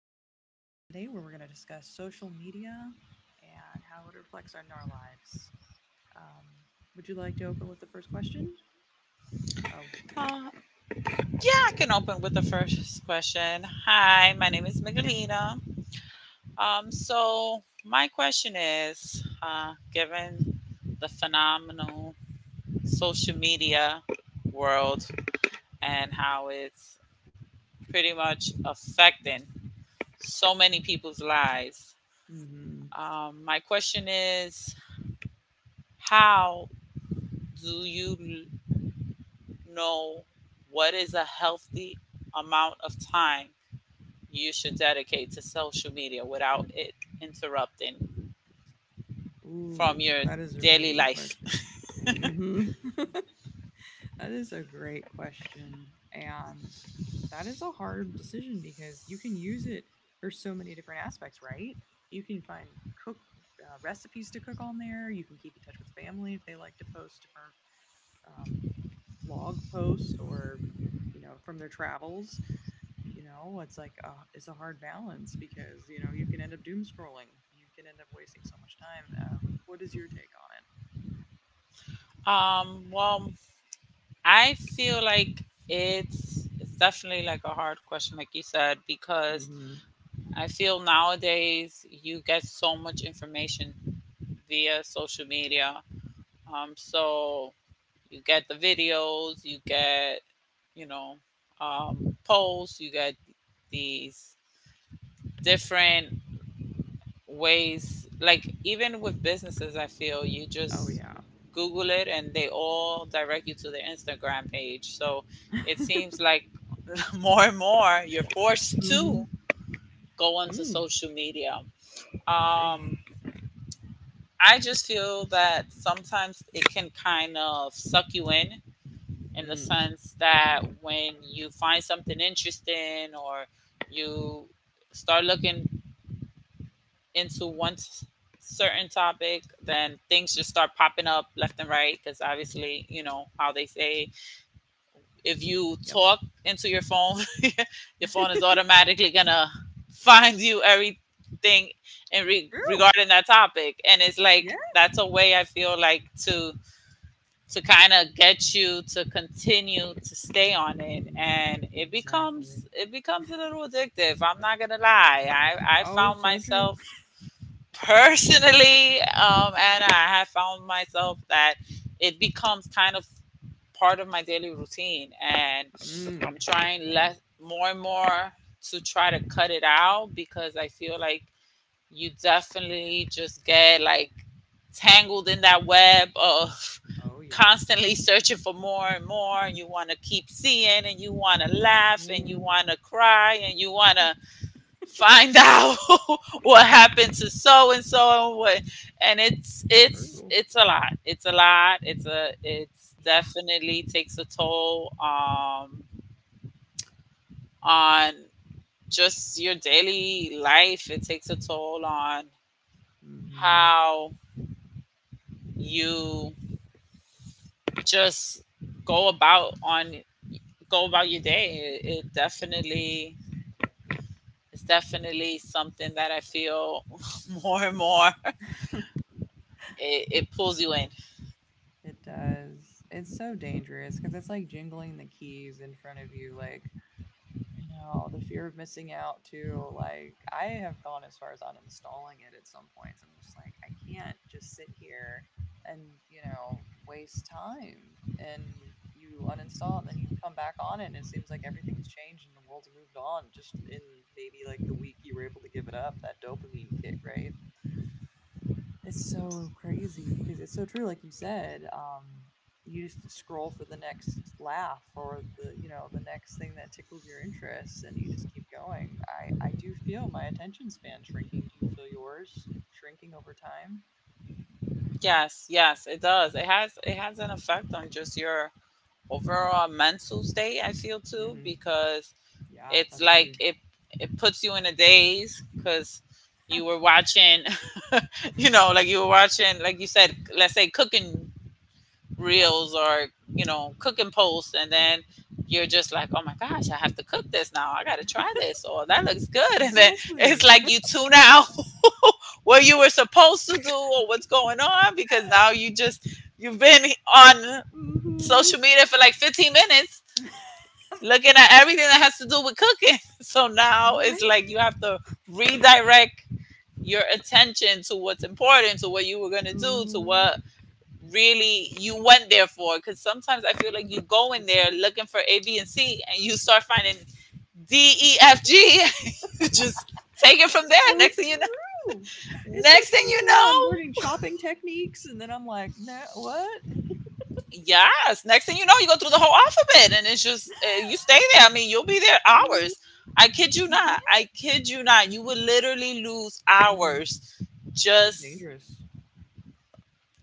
in to our podcast today where we're going to discuss social media and how it reflects on our lives. Um, would you like to open with the first question? Oh, Uh, yeah, I can open with the first question. Hi, my name is Miguelina. So my question is, given the phenomenal social media world and how it's pretty much affecting so many people's lives. mm-hmm. Um, my question is, how do you know what is a healthy amount of time you should dedicate to social media without it interrupting from Ooh, your that is a really daily good life. question. Mm-hmm. That is a great question. And that is a hard decision because you can use it for so many different aspects, right? You can find cook recipes to cook on there. You can keep in touch with family if they like to post different um, vlog posts or from their travels. It's like a hard balance because you can end up doom scrolling, you can end up wasting so much time. uh, what is your take on it? Well, I feel like it's definitely like a hard question, like you said, because Mm-hmm. I feel nowadays you get so much information via social media. So you get the videos, you get you know polls, you get these different ways, like even with businesses, I feel you Oh just yeah. google it and they all direct you to their Instagram page. So it seems like more and more you're forced Mm-hmm. to go onto Mm. social media. True. Um, I just feel that sometimes it can kind of suck you in the Mm. sense that when you find something interesting or you start looking into certain topic, then things just start popping up left and right. Because obviously, you know how they say, if you Yep. talk into your phone, your phone is automatically gonna find you everything True. regarding that topic. And it's like Yeah. that's a way I feel like to kind of get you to continue to stay on it, Mm. and it Exactly. becomes it becomes a little addictive. I'm not gonna lie, I Oh, found so true. myself personally, and I have found myself that it becomes kind of part of my daily routine, and Mm. I'm trying Same. less, more and more, to try to cut it out because I feel like you definitely just get like tangled in that web of Oh yeah. constantly searching for more and more, and you want to keep seeing and you want to laugh and you Mm. want to cry and you want to find out what happened to so and so and what. And it's it's True. it's a lot, it's a lot, it's Yeah. definitely takes a toll, um, on just your daily life. It takes a toll on Hmm. how you just go about on go about your day. It definitely it's definitely something that I feel more and more it pulls you in. It does. It's so dangerous because it's like jingling the keys in front of you. Like, the fear of missing out, too. Like, I have gone as far as uninstalling it at some points. I'm just like, I can't just sit here and waste time. And you uninstall and then you come back on it, and it seems like everything's changed and the world's moved on just in maybe like the week you were able to give it up, that dopamine kick, right? It's so crazy because it's so true, like you said. You just scroll for the next laugh or the you know the next thing that tickles your interest, and you just keep going. I do feel my attention span shrinking. Do you feel yours shrinking over time? Yes, yes, it does. It has an effect on just your overall mental state, I feel too, Hmm. because Yeah, it's that's like huge. it puts you in a daze, because you were watching you know, like you were watching, like you said, let's say cooking Yeah, reels or you know cooking posts, and then you're just like, oh my gosh, I have to cook this now, I gotta try this or that looks good, and then exactly. it's like you tune out what you were supposed to do or what's going on, because now you just you've been on Hmm. social media for like 15 minutes looking at everything that has to do with cooking. So now it's Right. like you have to redirect your attention to what's important, to what you were going to do, to Hmm. what really you went there for. Because sometimes I feel like you go So in there true. looking for A B and C and you start finding D E F G. You just take it from It's there. so next thing you know true. It's so next thing true. Next you thing you know, I'm learning know chopping techniques, and then I'm like, no, what? yes, next thing you know, you go through the whole alphabet, and it's just you stay there. I mean, you'll be there Mhm. hours. i kid you You can? not i kid you not you would literally lose Mm, hours it's just dangerous.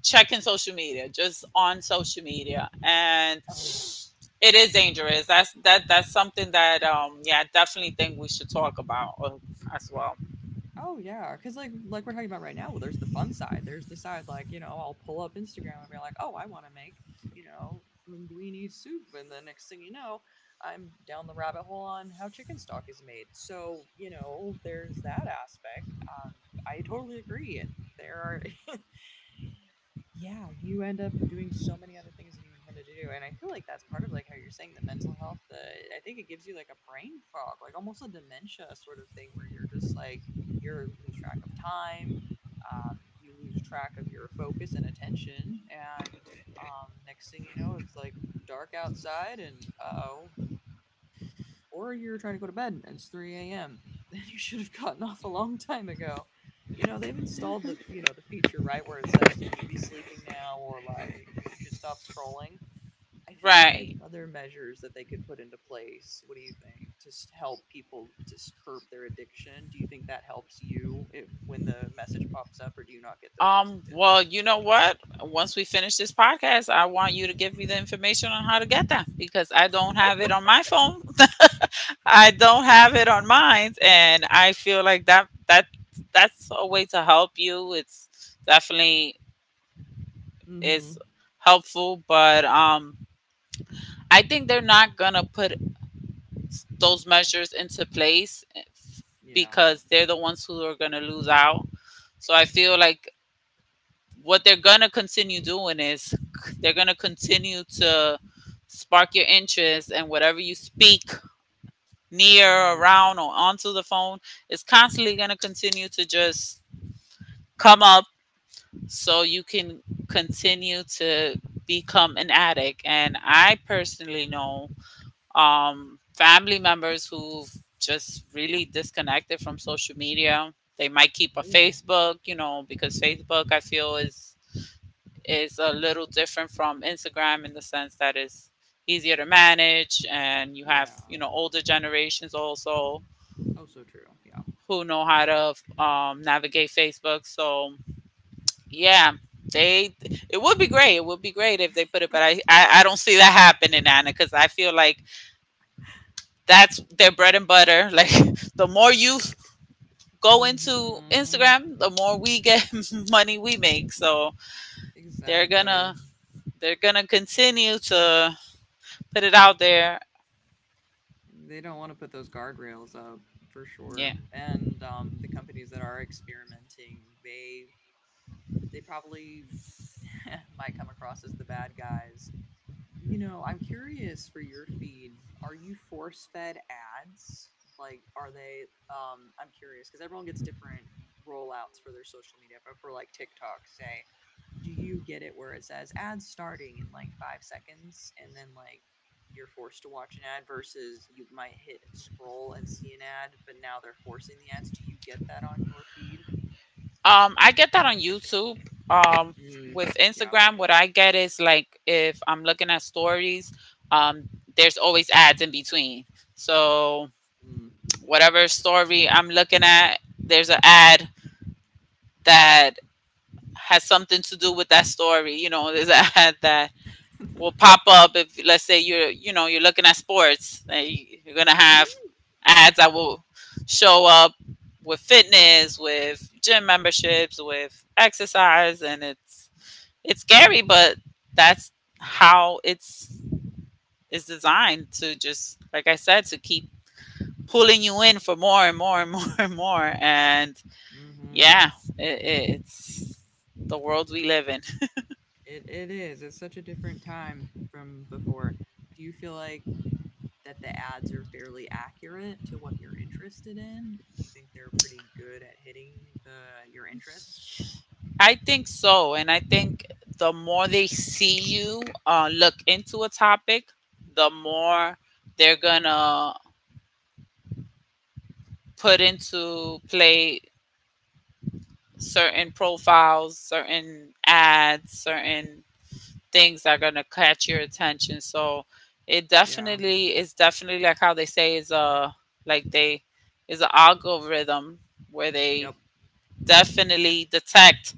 checking social media, just on social media, and Oh yeah. it is dangerous. That's that's something that, um, yeah, I definitely think we should talk about, as well. Oh yeah. Cause like we're talking about right now, well, there's the fun side. There's the side like, I'll pull up Instagram and be like, oh, I want to make, you know, linguine soup. And the next thing you know, I'm down the rabbit hole on how chicken stock is made. So, there's that aspect. I totally agree. There are Yeah, you end up doing so many other things than you intended to do. And I feel like that's part of like how you're saying the mental health, the I think it gives you like a brain fog, like almost a dementia sort of thing where you're just like you're lose track of time, you lose track of your focus and attention, and next thing you know, it's like dark outside and uh-oh, or you're trying to go to bed and it's 3 a.m. Then you should have gotten off a long time ago. You know, they've installed the feature right where it says you should be sleeping now or like you should stop scrolling. I feel like there's Right. other measures that they could put into place. What do you think? To help people just curb their addiction. Do you think that helps you if when the message pops up or do you not get those messages? Well, you know what? Once we finish this podcast, I want you to give me the information on how to get that, because I don't have it on my phone. I don't have it on mine, and I feel like that that's a way to help you. It's definitely is Mhm. helpful, but, I think they're not gonna put those measures into place Yeah. because they're the ones who are gonna lose out. So I feel like what they're gonna continue doing is they're gonna continue to spark your interest, and whatever you speak near, Mhm. around, or onto the phone is constantly Yeah. gonna continue to just come up, so you can continue to become an addict. And I personally know, family members who've just really disconnected from social media. They might keep a Really? Facebook, you know, because Facebook I feel is a little different from Instagram in the sense that it's easier to manage, and you have Yeah. you know older generations also Oh, so true. Yeah. who know how to, navigate Facebook. So yeah, they it would be great. It would be great if they put it, but I don't see that happening, Anna, because I feel like that's their bread and butter. Like the more you go into Mm-hmm. Instagram, the more we get money we make. So they're Exactly. gonna they're gonna continue to put it out there. They don't want to put those guardrails up for sure. Yeah. And the companies that are experimenting, they probably might come across as the bad guys. You know, I'm curious for your feed. Are you force fed ads? Like, are they? I'm curious because everyone gets different rollouts for their social media, but for like TikTok, say, do you get it where it says ads starting in like 5 seconds and then like you're forced to watch an ad versus you might hit scroll and see an ad, but now they're forcing the ads. Do you get that on your feed? Um, I get that on YouTube. Um, Mm, with yeah. Instagram what I get is like if I'm looking at stories, um, there's always ads in between. So Mm, whatever right. story I'm looking at, there's an ad that has something to do with that story. You know, there's an ad that will pop up if, let's say you're you know you're looking at sports, you're gonna have Mm? ads that will show up with fitness, with gym memberships, with exercise, and it's scary, but that's Yeah. how it's is designed to just, like I said, to keep pulling you in for more and more and more and more. And Mm-hmm. yeah, it, it's the world we live in. It is. It's such a different time from before. Do you feel like that the ads are fairly accurate to what you're interested in? Do you think they're pretty good at hitting the your interest? I think so. And I think the more they see you look into a topic, the more they're going to put into play certain profiles, certain ads, certain things that are going to catch your attention. So it Yeah. definitely is definitely like how they say is a like they is an algorithm where they Yep. definitely detect,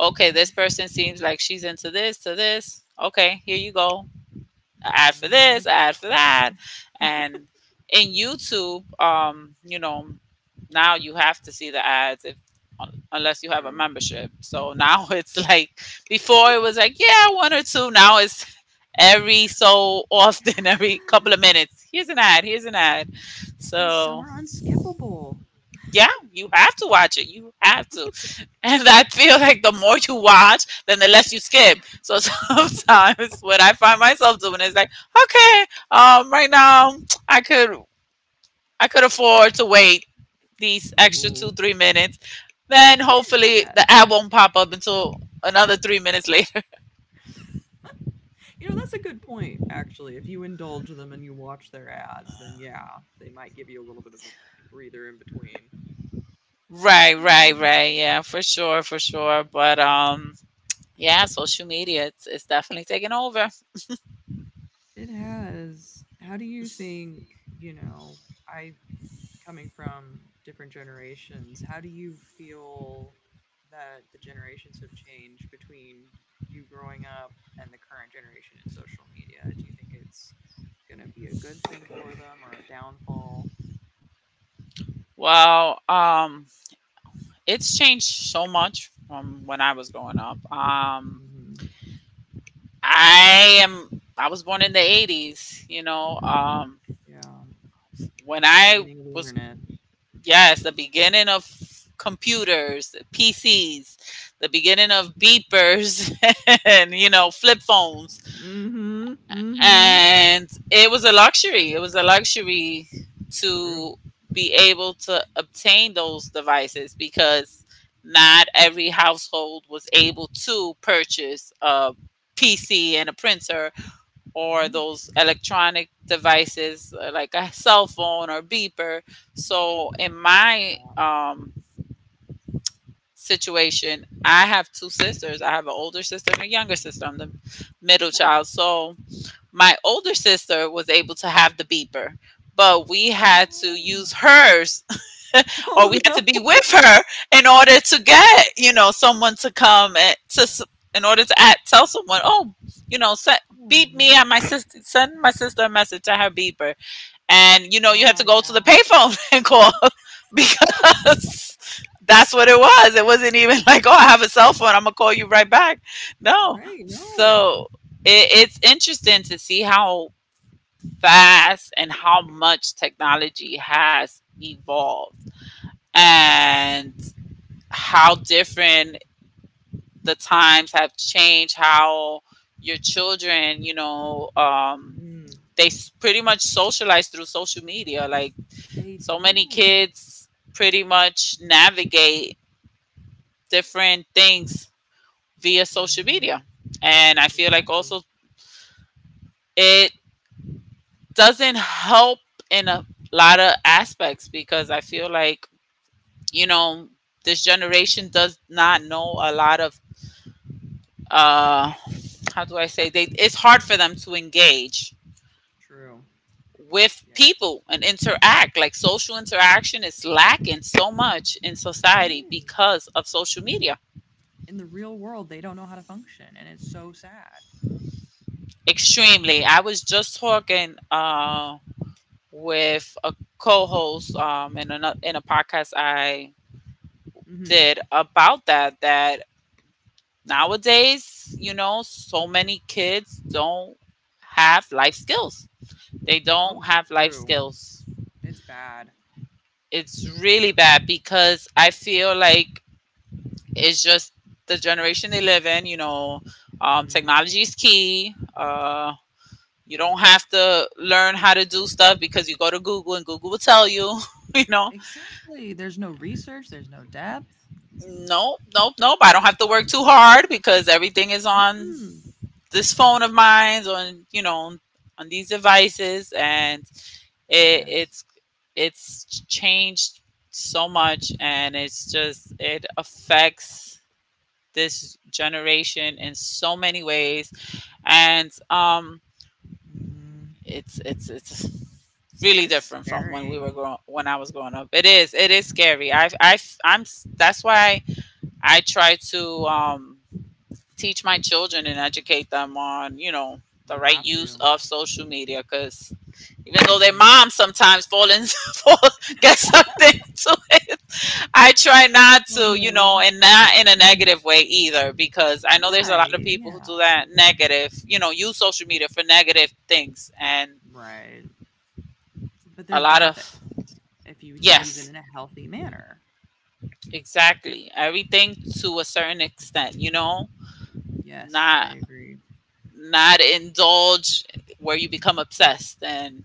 okay, this person seems like she's into this to this. Okay, here you go. An ad for this, Mhm. an ad for that. And in YouTube, you know, now you have to see the ads if unless you have a True. membership. So now it's like before it was like, yeah, one or two. Now it's every so Yeah, often, every couple of minutes. Here's an ad, here's an ad. and some So are unskippable. yeah, you have to watch it. You have to. And I feel like the more you watch, then the less you skip. So sometimes what I find myself doing is like, okay, right now I could I could afford to wait these extra two, Mhm. 3 minutes. Then Yeah, it's not hopefully bad. the ad won't pop up until another 3 minutes later. You know, that's a good point, actually. If you indulge them and you watch their ads, then yeah, they might give you a little bit of a breather in between. Right, right, right. Yeah, for sure, for sure. But, um, yeah, social media it's definitely taking over. It has. How do you think, you know, I coming from different generations, how do you feel that the generations have changed between you growing up and the current generation in social media? Do you think it's going to be a good thing for them or a downfall? Well, um, it's changed so much from when I was growing up. Mm-hmm. I am. I was born in the '80s. You know, Yeah, when the I beginning of the was internet. yes, the beginning of computers, PCs, the Yep. beginning of beepers, and you know, flip phones. Mm-hmm. Mm-hmm. And it was a luxury. It was a luxury True. to be able to obtain those devices because not every household was able to purchase a PC and a printer, or Mm. those electronic devices, like a cell phone or beeper. So, in my, Yeah. Situation, I have two sisters. I have an older sister and a younger sister. I'm the middle Nice. child. So, my older sister was able to have the beeper, but we No. had to use hers or Oh we had to no. be with Oh her in order to get, you know, someone to come and to in order to act, tell someone, "Oh, you know, set, beep me at my yeah. sister send my sister a message at her beeper." And you know, you had Ah to go to the yeah. payphone and call because that's what it was. It wasn't even like, "Oh, I have a cell phone. I'm going to call you right back." No. Right. No. So, it's interesting to see how fast and how much technology has evolved Oh, yeah. and how different the times have changed, how your children, Mm. Pretty much socialize through social media, like They so many do. kids pretty much navigate different things via social Mhm. media. And I feel like Exactly. also it doesn't help in a lot of aspects, because I feel like, you know, this generation does not know a lot of uh how do I say, they, it's hard for them to engage True. with Yes. people and interact. Like social interaction is lacking so much in It society is. because of social media. In the real world, they don't know how to function, and it's so sad. Extremely. I was just talking with a co-host, in a podcast I Mhm. did, about that, that nowadays, you know, so many kids don't have life skills. They Oh, don't have life true. skills. It's bad. It's really bad because I feel like it's just the generation they live in. You know, Mm. technology is key. You Yup. don't have to learn how to do stuff because you go to Google and Google will tell you. You know, Exactly. There's no research. There's no depth. nope, nope, nope. I don't have to work too hard because everything is on Mm-mm. this phone of mine, on, you know, on these devices. And It Yes. it's it's changed so much, and it's just, it affects this generation in so many ways. And, Mhm. It's really It's different from when we were scary. growing when I was growing up. It is scary. I'm, that's why I try to, teach my children and educate them on, you know, the You right have use to. of social media. Because even though their Mhm. mom sometimes fall in, fall, get sucked into it, I try not Oh to, you no. know, and not in a Mm. negative way either, because I know there's a lot of Right. people who Yeah. do that, negative, you know, use social media for negative things. And Right. But a there's lot of, benefits if you use it yes, in a healthy manner. exactly. Everything to a certain extent, you know, Yes, I not, agree. not indulge where you become obsessed. And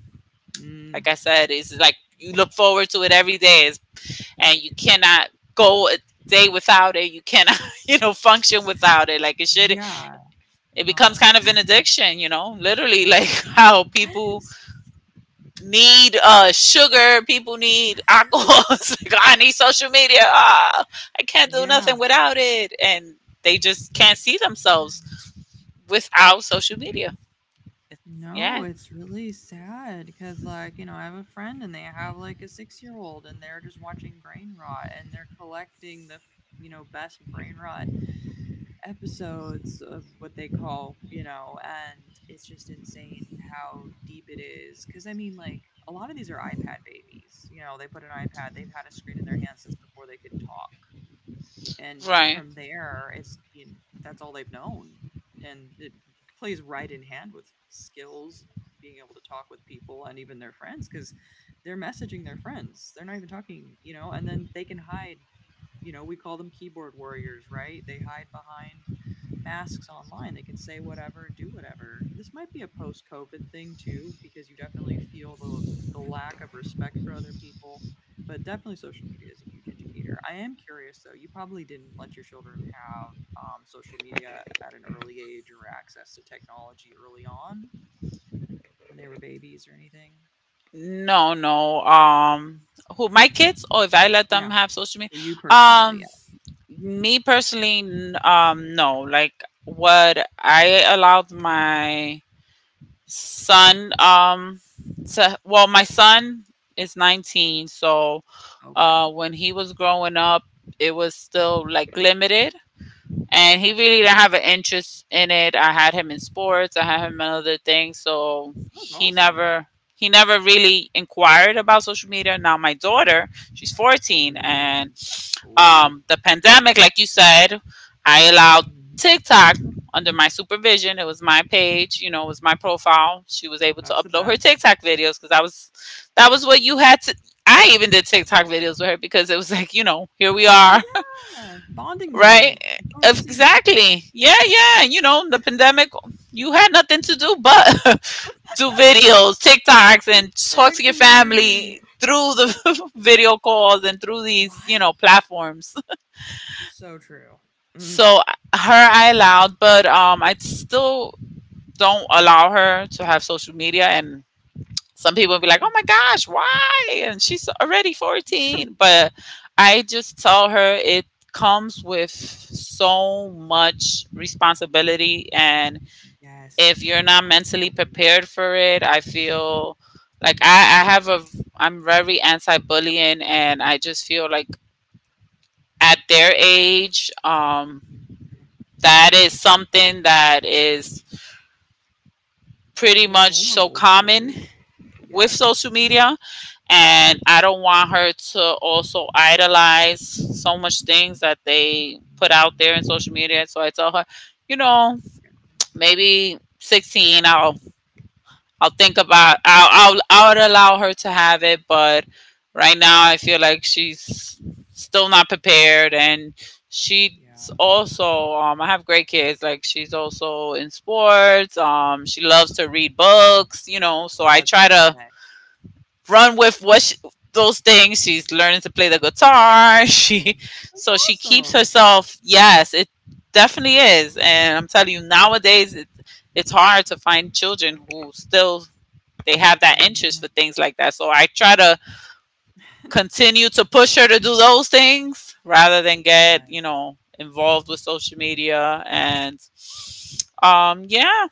like Mm, I said, it's like you look forward to it every day. It's- and you cannot go a day without it. You cannot, you know, function without it. Like it should, yeah. it becomes No. kind of an addiction, you know, literally like how people Yes. need sugar, people need alcohol. It's like, "Ah, I need social media. Ah, I can't do Yeah. nothing without it." And they just can't It's see bad. themselves without social media. No, Yes, it's really sad because, like, I have a friend and they have like a 6-year old and they're just watching brain rot and they're collecting the best brain rot episodes of what they call, and it's just insane how deep it is. Cause I mean, like, a lot of these are iPad babies. You know, they put an iPad, they've had a screen in their hand since before they could talk. And right. from there, that's all they've known. And it plays right in hand with skills, being able to talk with people and even their friends, because they're messaging their friends. They're not even talking, and then they can hide. We call them keyboard warriors, right? They hide behind masks online. They can say whatever and do whatever. This might be a post COVID thing too, because you definitely feel the lack of respect for other people. But definitely social media is a huge indicator. I am curious though, you probably didn't let your children have social media at an early age or access to technology early on when they were babies or anything. No, no. Who, my kids? Oh, if I let them Yeah, have social media, for you personally, um, yeah. me personally, no. Like what I allowed my son, to, well, my son is 19, so Okay. When he was growing up, it was still like limited and he That's really good. didn't have an interest in it. I had him in sports, I had him in other things, so That's awesome. He never really inquired about social media. Now my daughter, she's 14, and Mm. Oh. The pandemic, like you said, I allowed Mhm. TikTok under my supervision. It was my page, you know, it was my profile. She was able to That's the upload her best. TikTok videos because I was, that was what you had to. I even did TikTok videos with her because it was like, you know, here we Oh are, yeah. Bonding right? moment. I've totally If- seen it. exactly. Yeah, yeah. You know, the pandemic, you had nothing to do but do videos, TikToks, and talk to your Exactly. family through the video calls and through these, you Right? know, platforms. So true. Mm. So her, Sad. I allowed, but I still don't allow her to have social media. And some That's people be like, good. "Oh my gosh, why?" And she's already 14, but I just tell her it comes with so much responsibility. And if Yes. you're not mentally Responsibility. prepared for it, I feel like, I have a, I'm very anti-bullying, and I just feel like at their age, Mhm. that is something that is pretty They're much so vulnerable to common it. with social Yes. media. And I don't want her to also idolize so much things that they put out there in Mm. social media. So I tell her, you know, Exactly. maybe 16 I'll think about, I'll allow her to have it. But right now I feel like she's still not prepared, and she's Yeah. also, I have great kids. Like she's also in sports, she loves to read books, you know. So Oh, I that's the try to best. run with those things. She's learning to play the guitar. She, That's so she keeps awesome. herself. Yes, it definitely is. And I'm telling you, nowadays it's hard to find children who still, they have that interest for Mhm. things like that. So I try to continue to push her to do those things rather than get, you Yes. know, involved with social media. And yeah,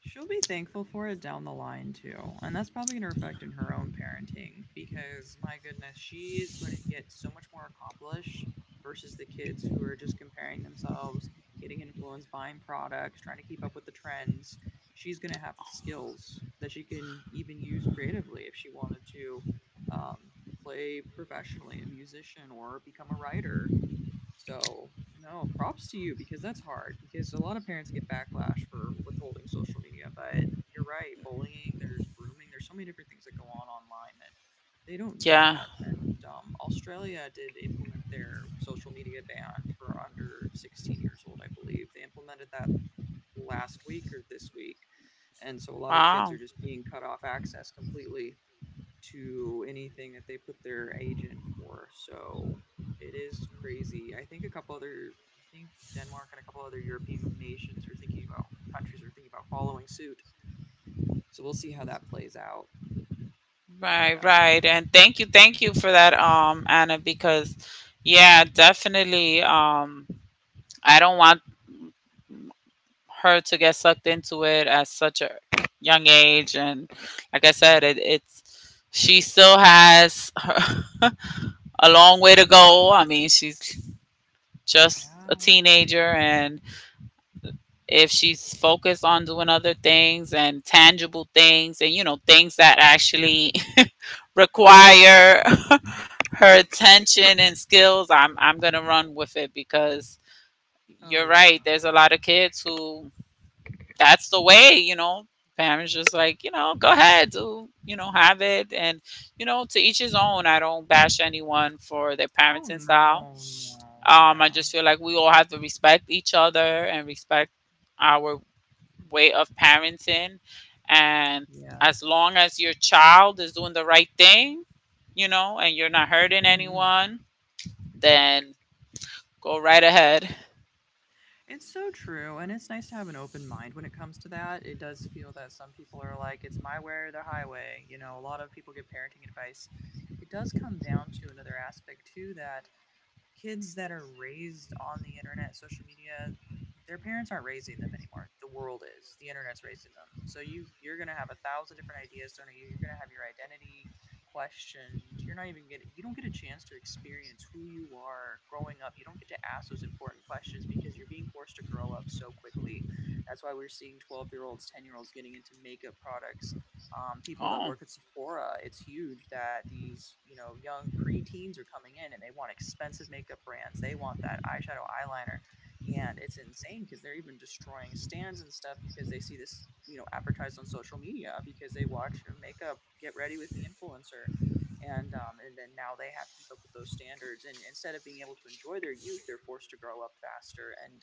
She'll be thankful for it down the line too. And that's probably going to reflect in her own parenting because my goodness, she is going to get so much more accomplished versus the kids who are just comparing themselves, getting influenced, buying products, trying to keep up with the trends. She's going to have skills that she can even use creatively if she wanted to um, play professionally, a musician or become a writer. So, no, props to you because that's hard because a lot of parents get backlash for withholding social media. But you're right, bullying, there's grooming, there's so many different things that go on online that they don't need yeah, that. And Australia did implement their social media ban for under 16 years old, I believe. They implemented that last week or this week. And so a lot of kids wow. are just being cut off access completely to anything that they put their age in for. So it is crazy. I think a couple other, I think Denmark and a couple other European nations are thinking about countries are thinking about following suit. So we'll see how that plays out. But Right, right. And thank you for that, Anna. Because yeah, definitely, I don't want her to get sucked into it at such a young age. And like I said, yes, it's, she still has a long way to go. I mean, she's just a yeah. teenager. And if she's focused on doing other things and tangible things and, you know, things that actually require her attention and skills, I'm gonna run with it because Oh you're yeah. right. There's a lot of kids who, that's the way, you know. Parents just like, you know, go ahead, do you know, have it. And you know, to each his own. I don't bash anyone for their Oh parenting style. no, no, I yeah, just feel like we all have to respect each other, and respect our way of parenting. And yes. as long as your child is doing the right thing, you know, and you're not hurting Hmm. anyone, then go right ahead. It's so true, and it's nice to have an open mind when it comes to that. It does feel that some people are like, it's my way or the highway. You know, a lot of people get parenting advice. It does come down to another aspect, too, that kids that are raised on the internet, social media, their parents aren't raising them anymore. The world is. The internet's raising them. So you're gonna have a thousand different ideas thrown at you. You're gonna have your identity questioned. You're not even getting you don't get a chance to experience who you are growing up. You don't get to ask those important questions because you're being forced to grow up so quickly. That's why we're seeing 12-year-olds, 10-year-olds getting into makeup products, people that Oh, work at Sephora, it's huge that these, young preteens are coming in and they want expensive makeup brands. They want that eyeshadow eyeliner. And it's insane because they're even destroying stands and stuff because they see this, advertised on social media because they watch a makeup get ready with me influencer. And then now they have to keep up with those standards. And instead of being able to enjoy their youth, they're forced to grow up faster. And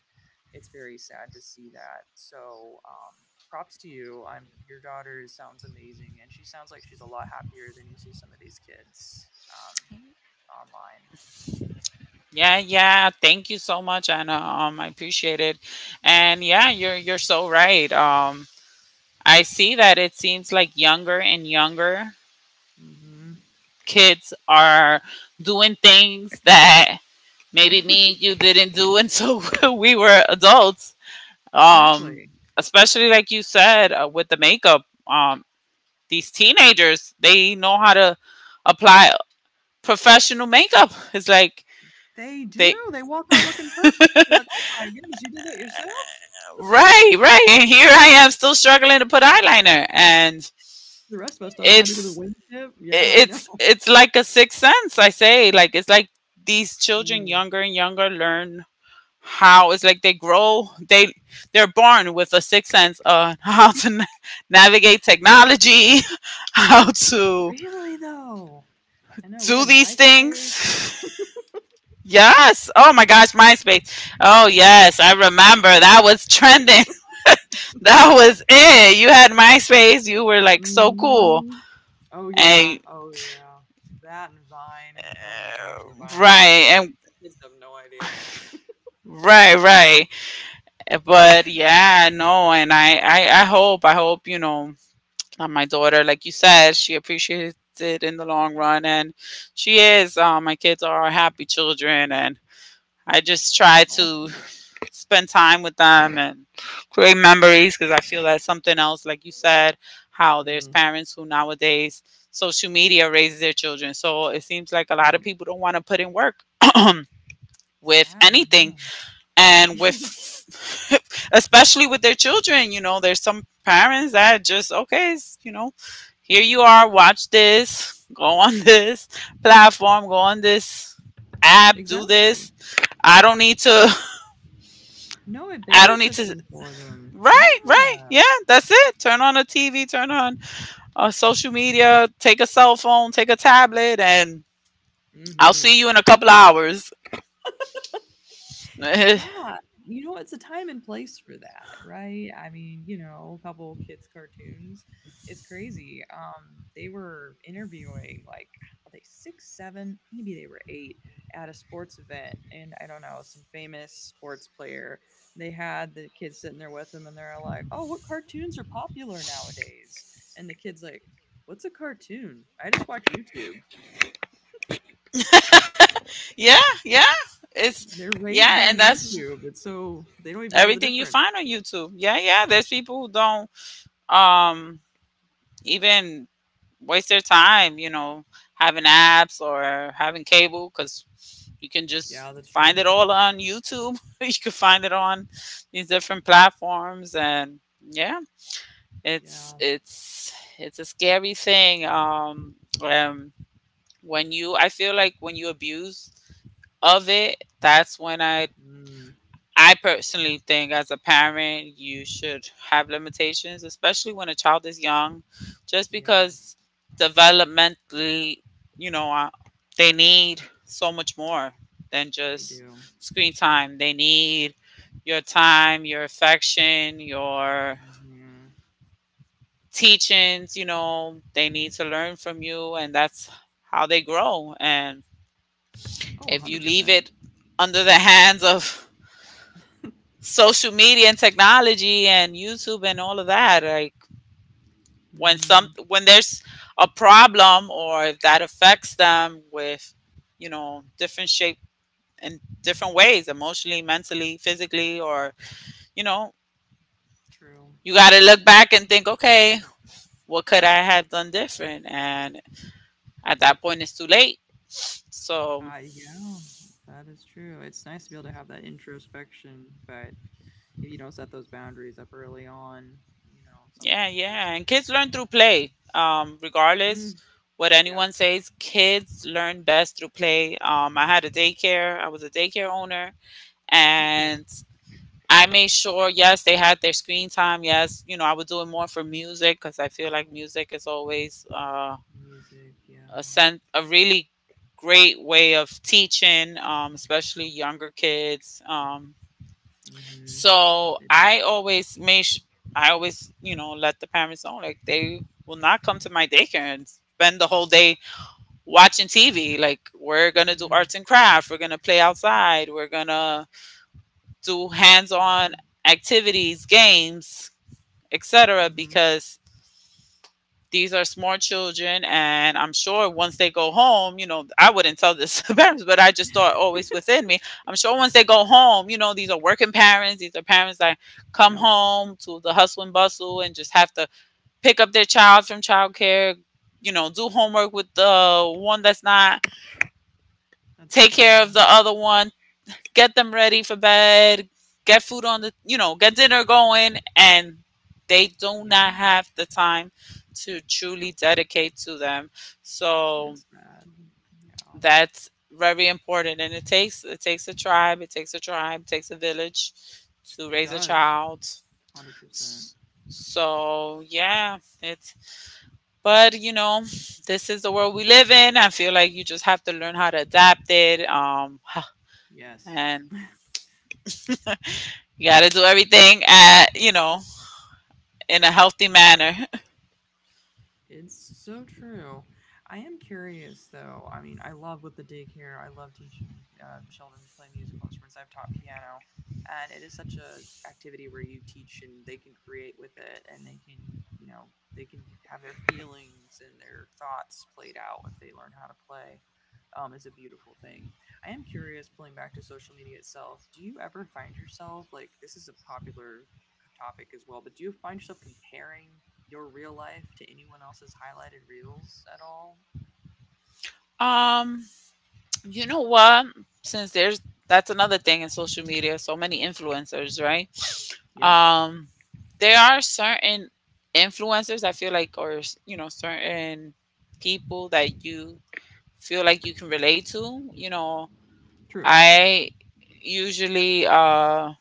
it's very sad to see that. So props to you. I'm Your daughter sounds amazing, and she sounds like she's a lot happier than you see some of these kids um, online. yeah, yeah. Thank you so much, Anna. I appreciate it. And yeah, you're so right. I see that it seems like younger and younger Mm-hmm. kids are doing things that maybe me and you didn't do until we were adults. Um, Exactly. especially like you said, with the makeup, these teenagers, they know how to apply professional makeup. It's like They do. they They walk around looking perfect. You're like, oh my goodness, you did that yourself. right, right, and here I am still struggling to put eyeliner. And The rest of us don't know how to do the it's wingtip. Yeah, I know. it's like a sixth sense. I say, like it's like these children Mm. younger and younger learn how, it's like they grow, they, they're born with a sixth sense on how to navigate technology, how to Really though, I know we do had these MySpace. things. Yes. Oh my gosh, MySpace. Oh yes, I remember. That was trending. That was it. You had MySpace. You were like so cool. Hmm. Oh, yeah. And Oh, yeah. That and Vine. Oh my gosh, the Vines back right, then. and The kids have no idea. right, right. But yeah, no, and I hope, you know, that my daughter, like you said, she appreciates it in the long run. And she is. My kids are happy children, and I just try It's to awesome. spend time with them and create memories, because I feel that's something else, like you said, how there's Mm, parents who nowadays, social media raises their children. So it seems like a lot of yep. people don't want to put in work with Sad, I anything, know. and with especially with their children. You know, there's some parents that just, okay, it's, you know, here you are, watch this, go on this platform, go on this app, Yeah, do exactly. this. I don't need to No, it I don't need babysits to them for them. right, right. Yeah. Yeah, that's it. Turn on a TV, turn on social media, take a cell phone, take a tablet, and I'll Hmm. see you in a couple of hours. Yeah, Yeah, it's a time and place for that, right? I mean, a couple kids' cartoons. It's crazy. They were interviewing like were they six, seven, maybe they were eight at a sports event, and I don't know, some famous sports player. They had the kids sitting there with them, and they're like, "Oh, what cartoons are popular nowadays?" And the kids like, "What's a cartoon? I just watch YouTube." yeah. It's They're raised yeah, and on that's YouTube, and so they don't even know the everything you difference. find on YouTube. Yeah, yeah. There's people who don't um even waste their time, you know, having apps or having cable, because you can just Yeah, that's find true. it all on YouTube. You can find it on these different platforms, and yeah, Yeah. It's a scary thing. Um when you I feel like when you abuse of it, that's when Mm. I personally think, as a parent, you should have limitations, especially when a child is young. Just Yes, because developmentally, you know, they need so much more than they just do. screen time. They need your time, your affection, your Mhm. teachings, you know, they need to learn from you, and that's how they grow. And Oh, if you leave 100%. it under the hands of social media and technology and YouTube and all of that, like when some Mhm. when there's a problem, or if that affects them with, you know, different shape in different ways, emotionally, mentally, physically, or you know, True. you gotta look back and think, okay, what could I have done different? And at that point, it's too late. So Yeah, that is true. It's nice to be able to have that introspection, but if you don't set those boundaries up early on, something yeah, can go yeah, and kids terribly learn through wrong. play. Regardless Mm, what yeah. anyone says, kids learn best through play. I had a daycare. I was a daycare owner, Nice. and I made sure. Yes, they had their screen time. Yes, you know, I was doing more for music, because I feel like music is always Music, yeah. A really great way of teaching, especially younger kids. Um, Mhm. So It is. I always, you know, let the parents know like they will not come to my daycare and spend the whole day watching TV. Like we're gonna do Mm, arts and craft, we're gonna play outside, we're gonna do hands-on yeah. activities, games, etc. Mhm. Because these are smart children and I'm sure once they go home, I wouldn't tell this to parents, but I just thought always within me, I'm sure once they go home, you know, these are working parents, these are parents that come Yep. home to the hustle and bustle and just have to pick up their child from childcare, you know, do homework with the one that's not, That's take true. care of the other one, get them ready for bed, get food on the, get dinner going, and they do Yeah. not have the time to truly dedicate to them. And So it's sad. Yeah. that's very important, and it takes a tribe, it takes a village to It raise a does. child. 100%. S- So yeah, it's, but you know, this is the world we live in. I feel like you just have to learn how to adapt it. Yes. and you got to do everything at, in a healthy manner. It's so true. I am curious though. I mean, I love with the daycare, I love teaching children to play musical instruments. I've taught piano, and it is such a activity where you teach and they can create with it and you know, they can have their feelings and their thoughts played out if they learn how to play. It's a beautiful thing. I am curious, pulling back to social media itself, do you ever find yourself like this is a popular topic as well, but do you find yourself comparing your real life to anyone else's highlighted reels at all? Um, you know what? Since there's That's another thing in social media, so many influencers, right? Yep. Um, there are certain influencers I feel like, or you know, certain people that you feel like you can relate to. You know, True. I usually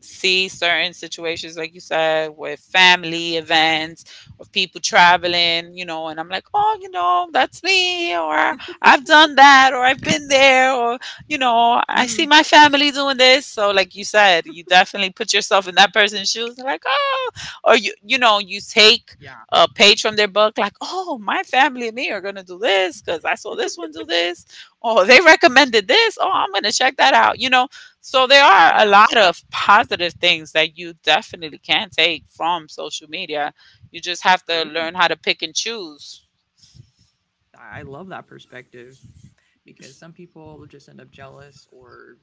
see certain situations, like you said, with family events, with people traveling, you know, and I'm like, oh, you know, that's me, or I've done that, or I've been there, or, you know, I see Mm, my family doing this. So, like you said, you definitely put yourself in that person's shoes, like, oh, or you know, you take yeah. a page from their book, like, oh, my family and me are going to do this because I saw this one do this. Oh, they recommended this. Oh, I'm going to check that out, you know, so there are a Yeah. lot of positive things that you definitely can take from social media. You just have to True. learn how to pick and choose. I love that perspective because some people will just end up jealous or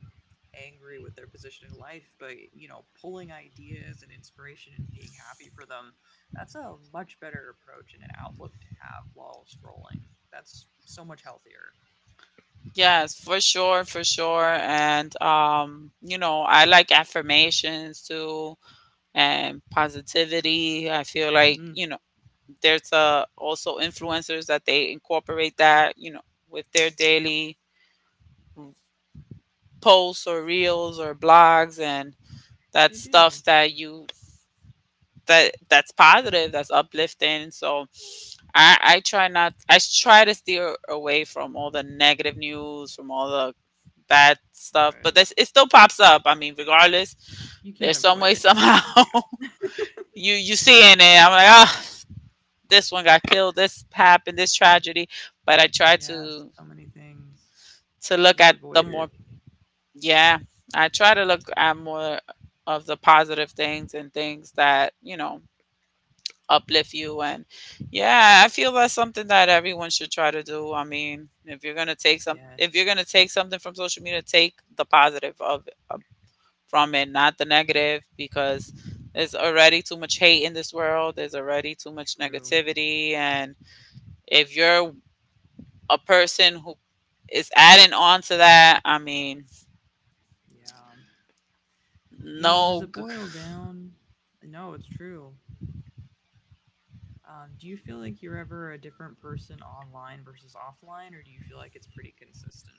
angry with their position in life, but pulling ideas and inspiration and being happy for them, that's a much better approach and an outlook to have while scrolling. That's so much healthier. Yes, for sure, for sure. And you know, I like affirmations too and positivity. I feel like, Mm, you know, there's yep. Also influencers that they incorporate that, you know, with their daily posts or reels or blogs, and They that's do. stuff that you, that's positive, that's uplifting. So I try not I s- try to steer away from all the negative news, from all the bad stuff, but Right. this, it still pops up. I mean, regardless, You can't there's some avoid way it somehow sometimes, yeah. you see in it. I'm like, ah, this one got killed, this happened, this tragedy. But I try Yes, to, so many things. Look Just at the avoid it. more, yeah, I try to look at more of the positive things and things that, you know, uplift you. And yeah, I feel that's something that everyone should try to do. I mean, if you're gonna take some Yes, if you're gonna take something from social media, take the positive of from it, not the negative, because there's already too much hate in this world, there's already too much true. negativity. And if you're a person who is adding on to that, I mean, Yeah. You know, does no. it boil down. No, it's true. Do you feel like you're ever a different person online versus offline, or do you feel like it's pretty consistent?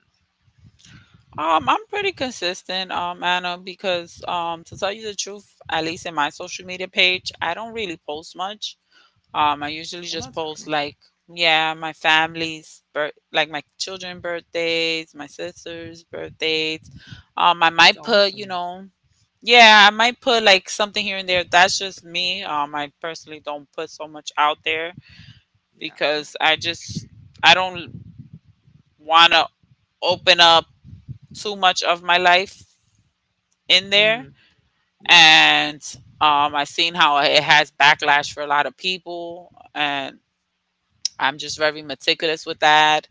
I'm pretty consistent, Anna, because to tell you the truth, at least in my social media page, I don't really post much. I usually Well, just that's post good. like, yeah, my family's birth, like my children' birthdays, my sister's birthdays. I That's might put, you awesome. know, yeah, I might put like something here and there. That's just me. I personally don't put so much out there Yeah. because I don't want to open up too much of my life in there. Mm, yeah. And I seen how it has backlash for a lot of people, and I'm just very meticulous with that,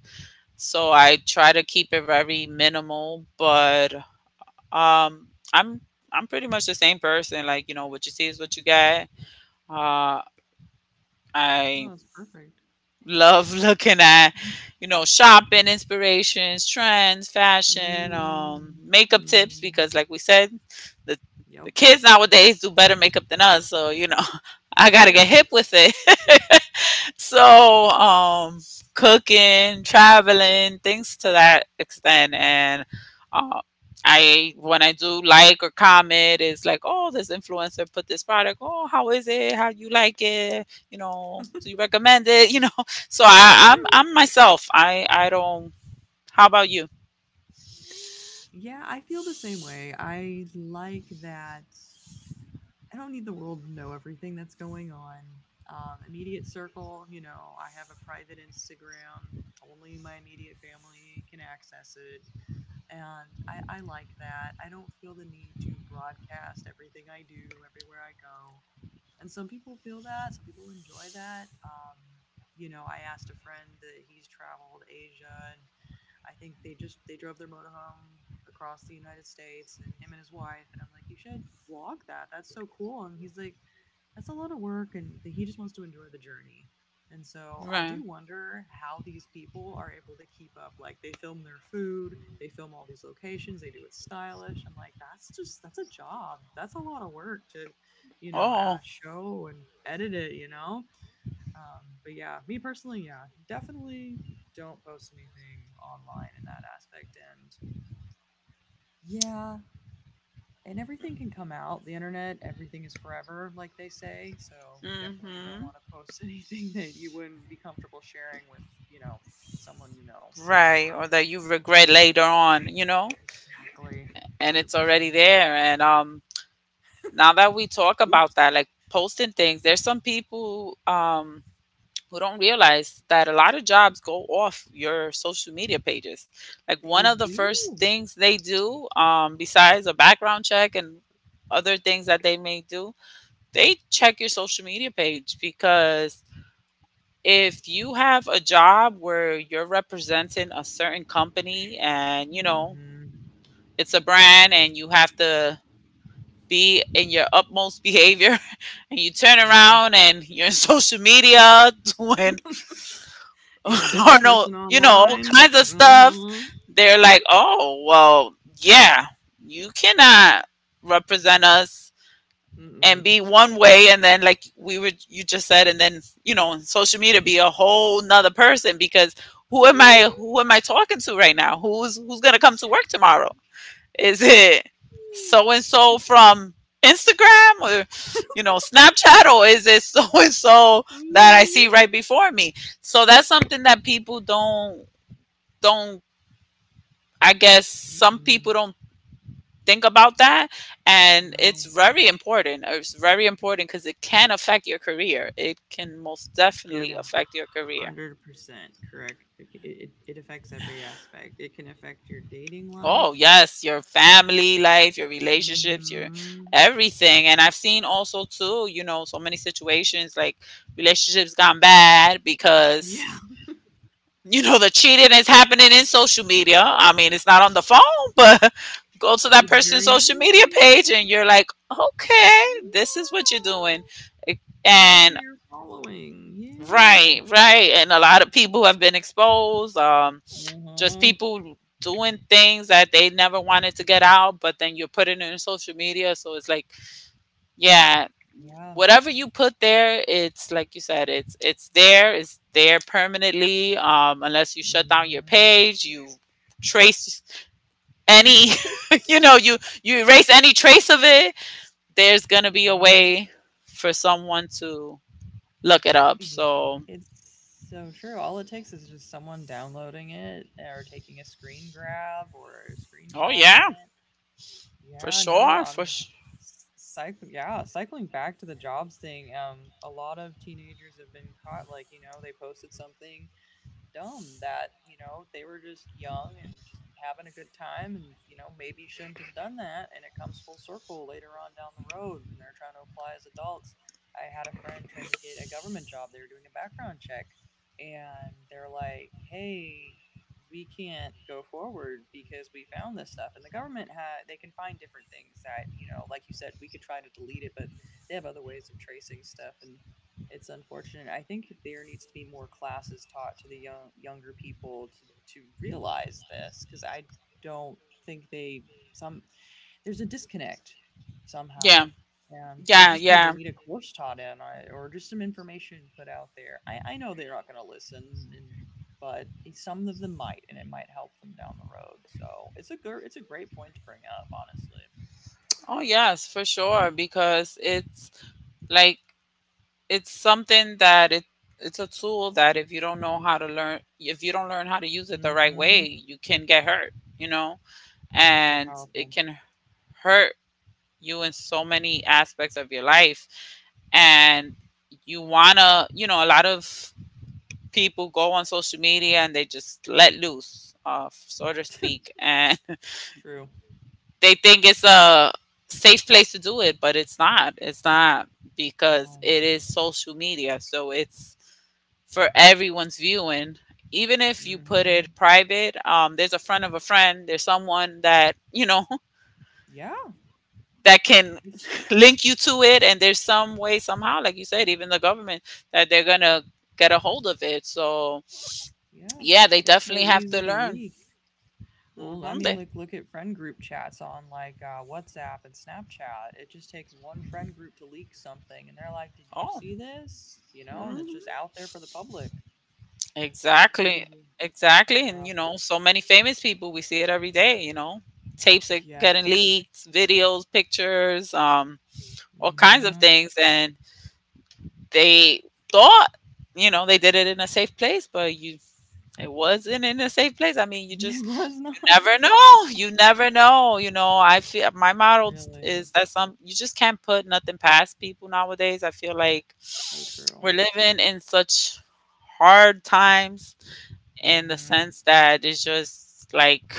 so I try to keep it very minimal. But um i'm I'm pretty much the same person. Like, you know, what you see is what you get. Uh i No, that's perfect. love looking at, you know, shopping inspirations, trends, fashion, Mm, makeup tips, mhm. because like we said, the the Yep. kids nowadays do better makeup than us, so you know, I gotta get hip Scary. with it. So, cooking, traveling, things to that extent. And uh, I, when I do like or comment, it's like, oh, this influencer put this product. Oh, how is it? How you like it? You know, do you recommend it? You know, so I, I'm True. I'm myself. I don't. How about you? Yeah, I feel the same way. I like that I don't need the world to know everything that's going on. Immediate circle, I have a private Instagram. Only my immediate family can access it. And I like that. I don't feel the need to broadcast everything I do everywhere I go. And some people feel that, some people enjoy that. I asked a friend that he's traveled Asia and I think they just they drove their motorhome across the United States and him and his wife and I'm like you should vlog that. That's so cool. And he's like that's a lot of work and he just wants to enjoy the journey. And so I Right. do wonder how these people are able to keep up. Like they film their food, they film all these locations, they do it stylish. I'm like, that's just that's a job. That's a lot of work to, Oh. show and edit it. You know, but yeah, me personally, yeah, definitely don't post anything online in that aspect. And yeah, and everything can come out. The internet, everything is forever, like they say. So you definitely don't Mm-hmm. want to post anything that you wouldn't be comfortable sharing with, you know, someone you know for Right. sure. Or that you regret later on. You know, Exactly. and it's already 100%. there. And now that we talk about Oops. that, like posting things, there's some people, who don't realize that a lot of jobs go off your social media pages. Like one They of the first do. things they do, besides a background check and other things that they may do, they check your social media page, because if you have a job where you're representing a certain company, and you know Hmm. it's a brand, and you have to be in your utmost behavior, and you turn Yes. around and you're in social media doing You're a or different no, person you know, all online. kinds of stuff, Mm. they're Hmm. like, oh, well, yeah, you cannot represent us and Mm-mm. be one way, and then, like we were, you just said, and then, you know, on social media be a whole nother person. Because Mm. who am I talking to right now? Who's gonna come to work tomorrow? Exactly. Is it Exactly. so and so from Instagram, or you know, Snapchat, or is it so and so that I see Mhm. right before me? So that's something that people don't I guess some people Mm-mm. don't think about that, and it's No, very important. It's very important, cuz it can affect your career. It can most it definitely a affect your career. hundred percent correct. It affects every aspect. It can affect your dating life. Oh, yes, your family life, your relationships, your Hmm. everything. And I've seen also too, you know, so many situations like relationships gone bad Yeah, because, you know, the cheating is happening in social media. I mean, it's not on the phone, but go to that it's person's very social media page easy. and you're like, "Okay, Yeah. this is what you're doing." It- And this is who And you're following. Yeah. Right, right. And a lot of people have been exposed. Just Uh-huh. people doing things that they never wanted to get out, but then you're putting it in social media. So it's like, yeah, Yeah. whatever you put there, it's like you said, it's there permanently. Unless you shut down your Mm-hmm. page, trace any, you know, you erase any trace of it. There's gonna be a Right. way for someone to look it up. Ye So, It's so true. All it takes is just someone downloading it or taking a screen grab or oh screenshotting yeah, it. for Yeah, no, sure, cycling back to the jobs thing, a lot of teenagers have been caught, like, they posted something dumb that they were just young and just having a good time and maybe shouldn't have done that and it comes full circle later on down the road and they're trying to apply as adults. I had a friend trying to get a government job. They were doing a background check, and they're like, hey, we can't go forward because we found this stuff. And the government had they can find different things that like you said we could try to delete it, but they have other ways of tracing stuff, and it's unfortunate. I think there needs to be more classes taught to the younger people to realize this because I don't think they some there's a disconnect yeah, somehow, and it yeah, just be they yeah. need a course taught in or just some information put out there. I know they're not going to listen, and but some of them might, and it might help them down the road. So it's a great point to bring up, honestly. Oh yes, for sure, because it's like, it's something that it's a tool that if you don't learn how to use it the right Mm-hmm. way, you can get hurt, you know? It's so And it powerful. can hurt you in so many aspects of your life. And you wanna, you know, a lot of people go on social media and they just let loose, so to speak, and True. they think it's a safe place to do it, but it's not. It's not because No. it is social media. So it's for everyone's viewing. Even if you put Mm-hmm. it private, there's a friend of a friend, there's someone that, you know, Yeah. that can It's link you to it. And there's some way, somehow, like you said, even the government, that they're going to get a hold of it. So, yeah. yeah, they It's definitely so have to easy to learn. leak. Well, I Mm-hmm. mean, They, like, look at friend group chats on like WhatsApp and Snapchat. It just takes one friend group to leak something, and they're like, "Did you oh. see this?" You know, and it's Mhm. just out there for the public. So Exactly. crazy. Exactly. And, Yeah. you know, so many famous people, we see it every day, you know. Tapes are getting Yes. leaked, videos, pictures, all kinds of Mm-hmm. things. And they thought, you know, they did it in a safe place, but you it wasn't in a safe place. I mean, It was you not never know. You never know. You know, I feel my motto really is that some you just can't put nothing past people nowadays. I feel like so we're true. living in such hard times, in the Mm-hmm. sense that it's just like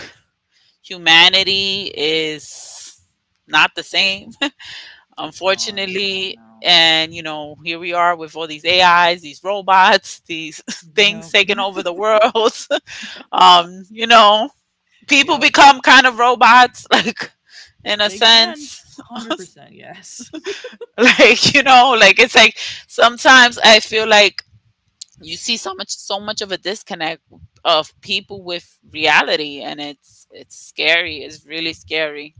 humanity is not the same, It's not. unfortunately. No. And, you Mm. know, here we are with all these AIs, these robots, these things Yep. taking over the world. You know, people Yep. become kind of robots, like in a They can. sense. 100% yes. Like, you know, like it's like sometimes I feel like you see so much of a disconnect of people with reality, and it's scary, it's really scary.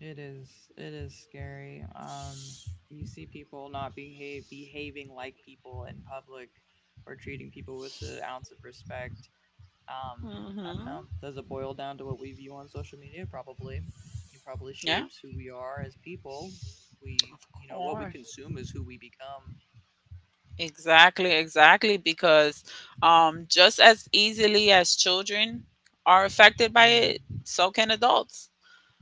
It is scary. You see people not being behaving like people in public or treating people with an ounce of respect. Um I don't know. Hmm. Does it boil down to what we view on social media? Probably. It probably Yeah, shapes who we are as people. Of What we course, consume is who we become. exactly, exactly, because just as easily as children are affected by Mm. it, so can adults.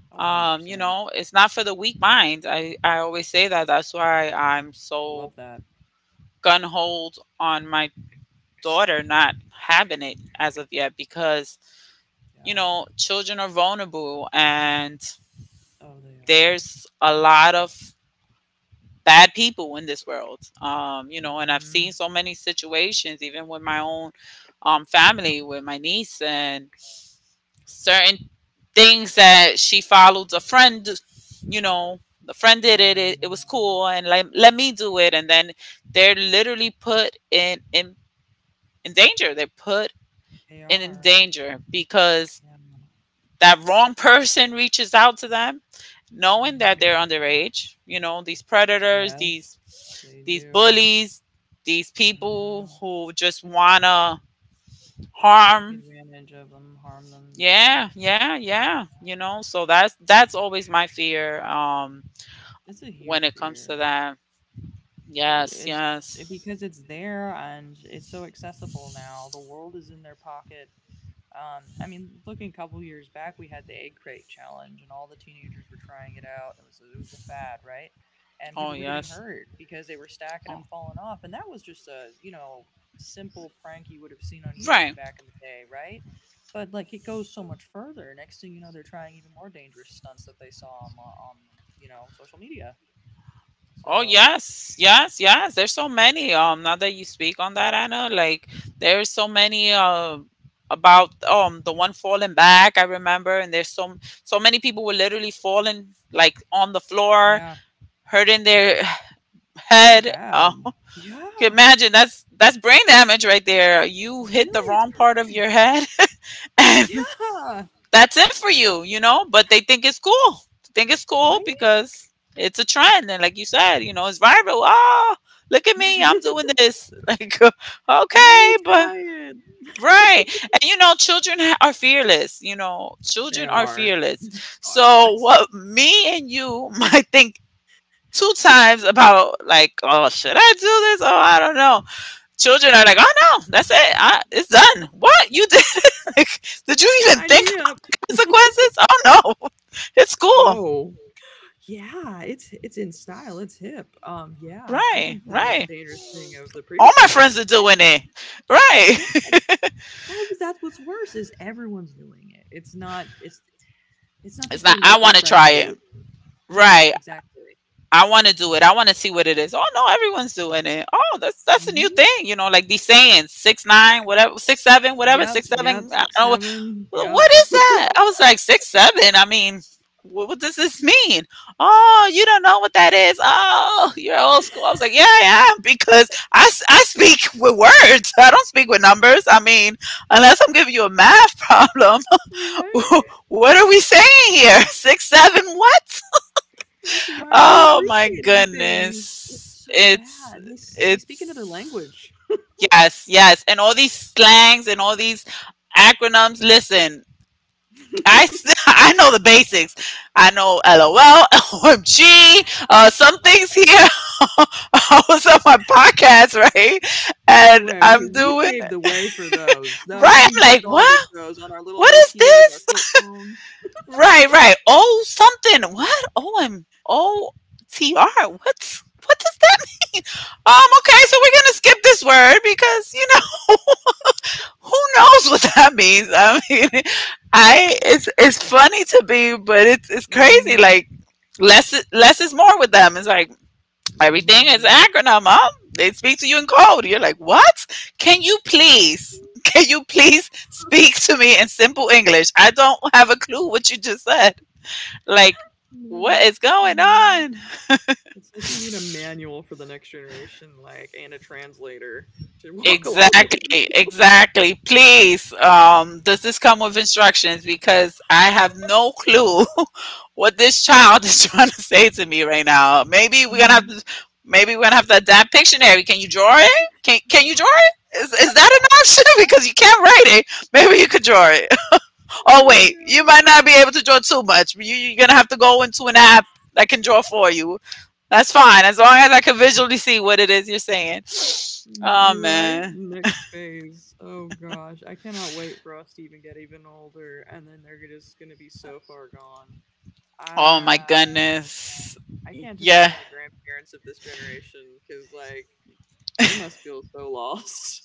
Oh, You 100%. I know, it's not for the weak mind. I always say that. That's why I'm so love that. gun hold on my daughter not having it as of yet, because you Yeah. know, children are vulnerable and Oh, they are. there's a lot of bad people in this world. You know, and I've seen Mhm. so many situations, even with my own family, with my niece, and certain things that she followed a friend, you know, the friend did Oh, it, it, it yeah. was cool, and let me do it. And then they're literally put in danger. They're put They in are. danger because Yeah. that wrong person reaches out to them knowing that they're Mhm. underage. You know, these predators, Yes, they these do. bullies, these people Mhm. who just wanna Take harm. advantage of them, harm them, yeah. Yeah. Yeah, yeah, yeah, you know, so that's always my fear, It's a when huge it comes to fear. that. it- Yes, it's yes. because it's there and it's so accessible now. The world is in their pocket. I mean, looking a couple years back, we had the egg crate challenge, and all the teenagers were trying it out. It was the fad, right? And Oh people were getting yes. hurt because they were stacking them, Oh. falling off, and that was just a simple prank you would have seen on YouTube Right. back in the day, right? But like it goes so much further. Next thing you know, they're trying even more dangerous stunts that they saw on social media. Oh So yes, yes, yes. There's so many. Now that you speak on that, Anna, like there's so many. About the one falling back, I remember, and there's so many people were literally falling like on the floor, yeah, hurting their it was head. Bad. Can Yeah. imagine that's brain damage right there. You hit the Really? It's wrong part of your permanent. head, and Yeah. that's it for you, you know? But they think it's cool. They think it's cool Right? because it's a trend. And like you said, you know, it's viral. Oh, look at me. I'm doing this. Like, Let me okay, but try it. right. And you know, are fearless. You know, They children are are. fearless. Gosh, So, yes. what me and you might think two times about, like, oh, should I do this? Oh, I don't know. Children are like, oh no, that's it. It's done. What you did? Like, did you even Sign think me up. about the consequences? Oh no, it's cool. Oh. Yeah, it's in style. It's hip. Yeah, I Right, think the most right. dangerous thing of the All previous my generation friends are was like, doing it. yes. Right. That's what's worse is everyone's doing it. It's not It's just not. your I local want to friend try it. group. Yeah, Right. exactly. I want to do it. I want to see what it is. Oh no, everyone's doing it. Oh, that's a new Mhm. thing. You know, like these sayings, 6 9, whatever, 6 7, whatever, Yep, 6 7. yep, I six, don't know. seven. Well, Yep. what is that? I was like, six, seven. I mean, what does this mean? Oh, you don't know what that is. Oh, you're old school. I was like, yeah, I am because I speak with words. I don't speak with numbers. I mean, unless I'm giving you a math problem, Right? what are we saying here? Six, seven, what? Like, why are we Oh my abbreviating things? goodness. It's so bad. They speak another it's, language. yes, yes. And all these slangs and all these acronyms. Listen, I know the basics. I know LOL, OMG, some things here. I was on my podcast, right? And Anyway, we I'm we doing paved the way for those. That right. we I'm like, started what? those on our little What is Nokias, our this? flip phones. Right, right. Oh, something. What? O M O T R? What's what does that mean? Okay, so we're gonna skip this word because you know who knows what that means. I mean, I it's funny to me, but it's crazy. Mhm. Like less is more with them. It's like everything is Mm. acronym. Huh? They speak to you in code. You're like, what? Mhm. Can you please speak to me in simple English? I don't have a clue what you just said. Like, No, what is going no. on? It's like you need a manual for the next generation, like, and a translator to walk along with Exactly, you. exactly. Please, does this come with instructions? Because I have no clue what this child is trying to say to me right now. Mm. Maybe we're gonna have to adapt Pictionary. Can you draw it? Can you draw it? Is that an option? Because you can't write it. Maybe you could draw it. Oh I wait, you might know. not be able to draw too much. You're gonna have to go into an app that can draw for you. That's fine, as long as I can visually see what it is you're saying. Oh You're right. man. Next phase. Oh gosh, I cannot wait for us to even get even older, and then they're just gonna be so far gone. Oh my I goodness. I can't Yeah, imagine the grandparents of this generation because like they must feel so lost.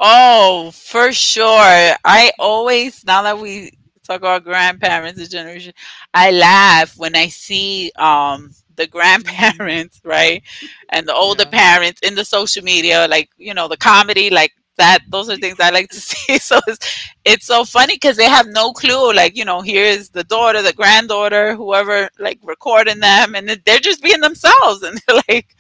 oh, for sure. I always, now that we talk about grandparents, this generation, I laugh when I see the Hmm. grandparents, right? And the older Yeah. parents in the social media, like, you know, the comedy, like that, those are things I like to see. So it's so funny because they have no clue. Like, you know, here's the daughter, the granddaughter, whoever, like recording them, and then they're just being themselves. And they're like,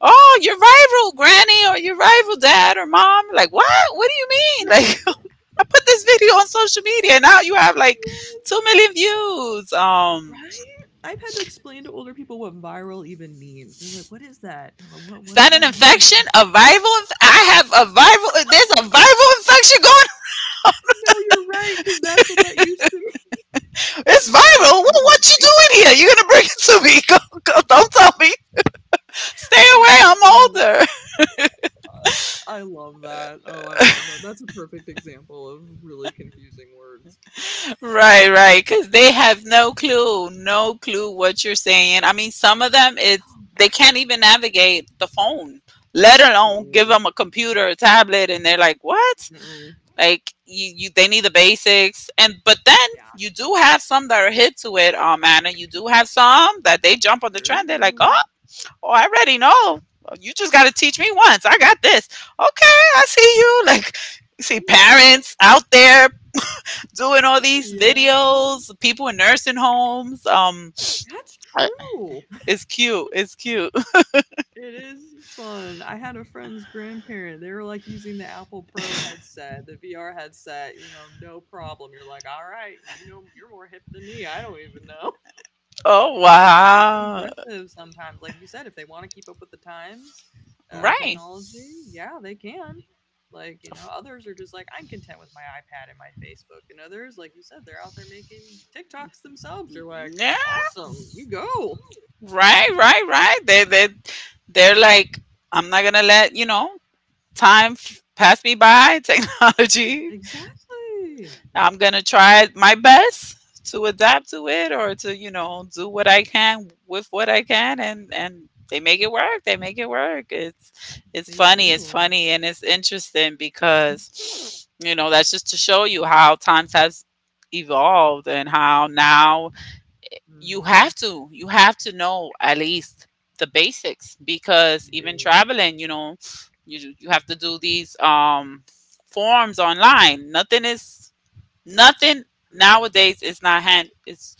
oh, your rival granny or your rival dad or mom. Like, what? What do you mean? Yes, Like I put this video on social media and now you have like 2 million views. Um, right. I've had to explain to older people what viral even means. They're like, "What is that?" And I'm like, what is What that does an that infection? mean? I have a viral, there's a viral infection going. No, you're right, because that's what that used to be. It's That is viral. What you confusing. doing here? You're gonna bring it to me. Go, go, don't tell me. Stay away, Okay, I'm older. I love that. Oh, I love that. That's a perfect example of really confusing words. Right, right. Cause they have no clue, no clue what you're saying. I mean, some of them it's they can't even navigate the phone. Let alone give Mm-mm, them a computer, a tablet, and they're like, "What? mm-mm. Like you they need the basics," and but then Yeah, you do have some that are hip to it, Anna. You do have some that they jump on the trend. They're like, true. oh, oh, I already know. Well, you just got to teach me once. I got this. Okay, I see you. Like, you see Yeah, parents out there doing all these yeah. videos. People in nursing homes. That's true. It's cute. It's cute. It is fun. I had a friend's grandparent, they were, like, using the Apple Pro headset, the VR headset, you know, no problem. You're like, "Alright, you know you're more hip than me, I don't even know." Oh It's wow! impressive sometimes, like you said, if they wanna keep up with the times, with Right. technology, yeah, they can. Like, you know, others are just like, "I'm content with my iPad and my Facebook," and others, like you said, they're out there making TikToks themselves, you're like, Yeah. "Awesome, you go." Right, right, right. They they're like, I'm not gonna let you know pass me by. Technology. Exactly. I'm gonna try my best to adapt to it or to you know do what I can with what I can, and they make it work. They make it work. It's They funny. It's do. funny and it's interesting because you know that's just to show you how times has evolved and how now Mhm. You have to know at least the basics because You even do. traveling you know you have to do these forms online. Nothing True. nowadays is not hand It's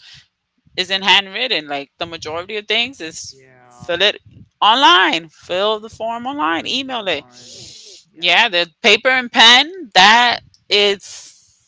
isn't handwritten. Like the majority of things is Yeah. fill it online, fill the form online, Everything is email it. online. Yeah. Yeah, the paper and pen, that is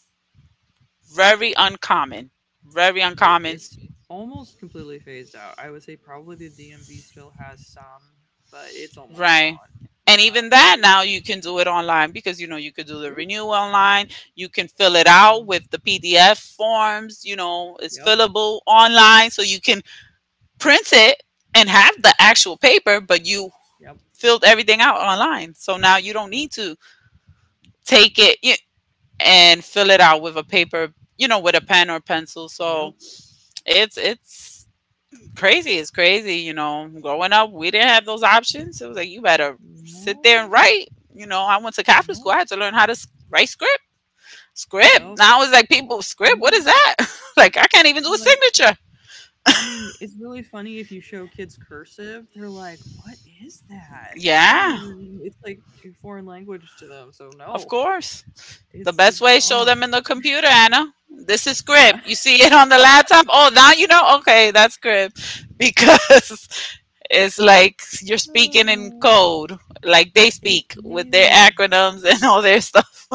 very uncommon, very It uncommon. it's almost completely phased out. I would say probably the DMV still has some, but it's almost Right. gone. And Yeah, even that it's now not you a can thing. do it online because you know you could do the True. renewal online, you can fill it out Mm-hmm. with the PDF forms, you know, it's Yep. fillable online so you can print it and have the actual paper but you Yep. filled everything out online. So now you don't Yep. need to take it y- and fill it out with a paper, you know, with a pen or pencil. Yep. So it's crazy, is crazy, you know. Growing up, we didn't have those options. It was like you better sit No. there and write. You know, I went to Catholic school. I Nope. had to learn how to write script. Script. Yep. Now it's like people script. What Mm. is that? Like I can't even do a Like, signature. I mean, it's really funny if you show kids cursive, they're like, "What is that?" I don't Yeah, even. It's like a foreign language to them, so of no, course. The it's best it's way show them gone. in the computer, Anna. This is Yeah. script. You see it on the laptop. Oh, now you know. Okay, that's script because it's like you're Oh speaking in no. code, like they It speak with their is. acronyms and all their stuff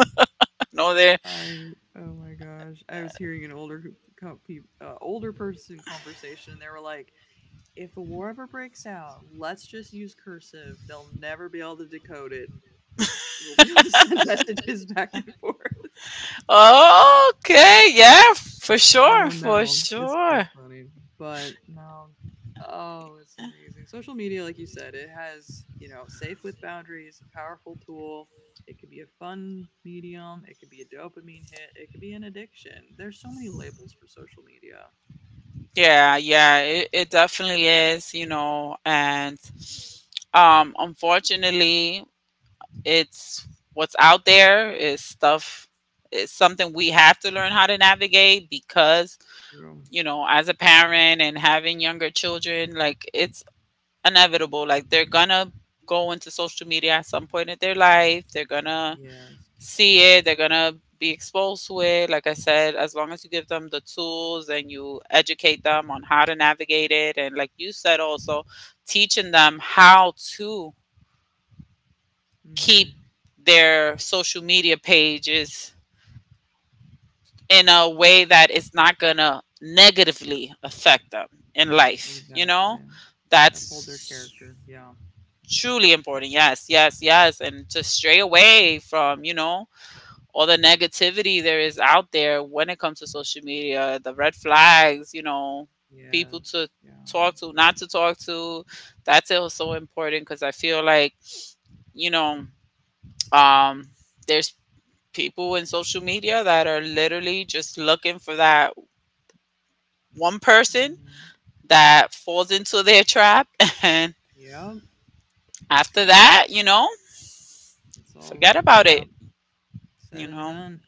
and all their I Oh my gosh. I was hearing an older co- co- older person conversation and they were like, "If a war ever breaks out, let's just use cursive. They'll never be able to decode it. We'll be able to send messages back and forth." Okay, yeah, for I sure, don't for know. It's too sure. funny. But no. Oh, it's amazing. Social media, like you said, it has, you know, safe with boundaries, a powerful tool. It could be a fun medium. It could be a dopamine hit. It could be an addiction. There's so many labels for social media. Yeah, yeah, it definitely is, you know, and unfortunately, it's what's out there is stuff is something we have to learn how to navigate because, True. you know, as a parent and having younger children, like it's inevitable like they're gonna go into social media at some point in their life. They're gonna Yes. see it, they're gonna be exposed to it. Like I said, as long as you give them the tools and you educate them on how to navigate it, and like you said, also teaching them how to keep Mm-hmm. their social media pages in a way that it's not gonna negatively affect them in life, you know, Exactly. Uphold their that's character. Yeah. truly important. Yes, yes, yes, and to stray away from, you know, all the negativity there is out there when it comes to social media, the red flags, you know, people to Yes. Yeah. talk to, not to talk to. That's also important because I feel like, you know, um, there's people in social media that are literally just looking for that one person Mm-hmm. that falls into their trap. And Yep. after that, you It's know, it's all forget about it, yep. Said you and know. done.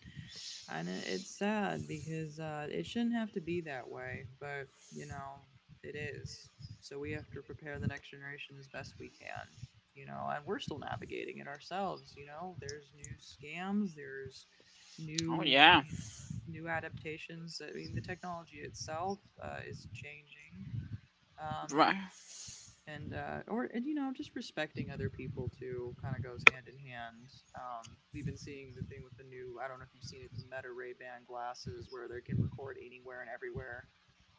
And it's sad because it shouldn't have to be that way, but you know it is, so we have to prepare the next generation as best we can, you know, and we're still navigating it ourselves. You know, there's new scams, there's Oh, new yeah. you know new adaptations. I mean, the technology itself is changing, um Right. and or and you know, just respecting other people too kind of goes hand in hand. We've been seeing the thing with the new, I don't know if you've seen it, the Meta ray ban glasses where they can record anywhere and everywhere,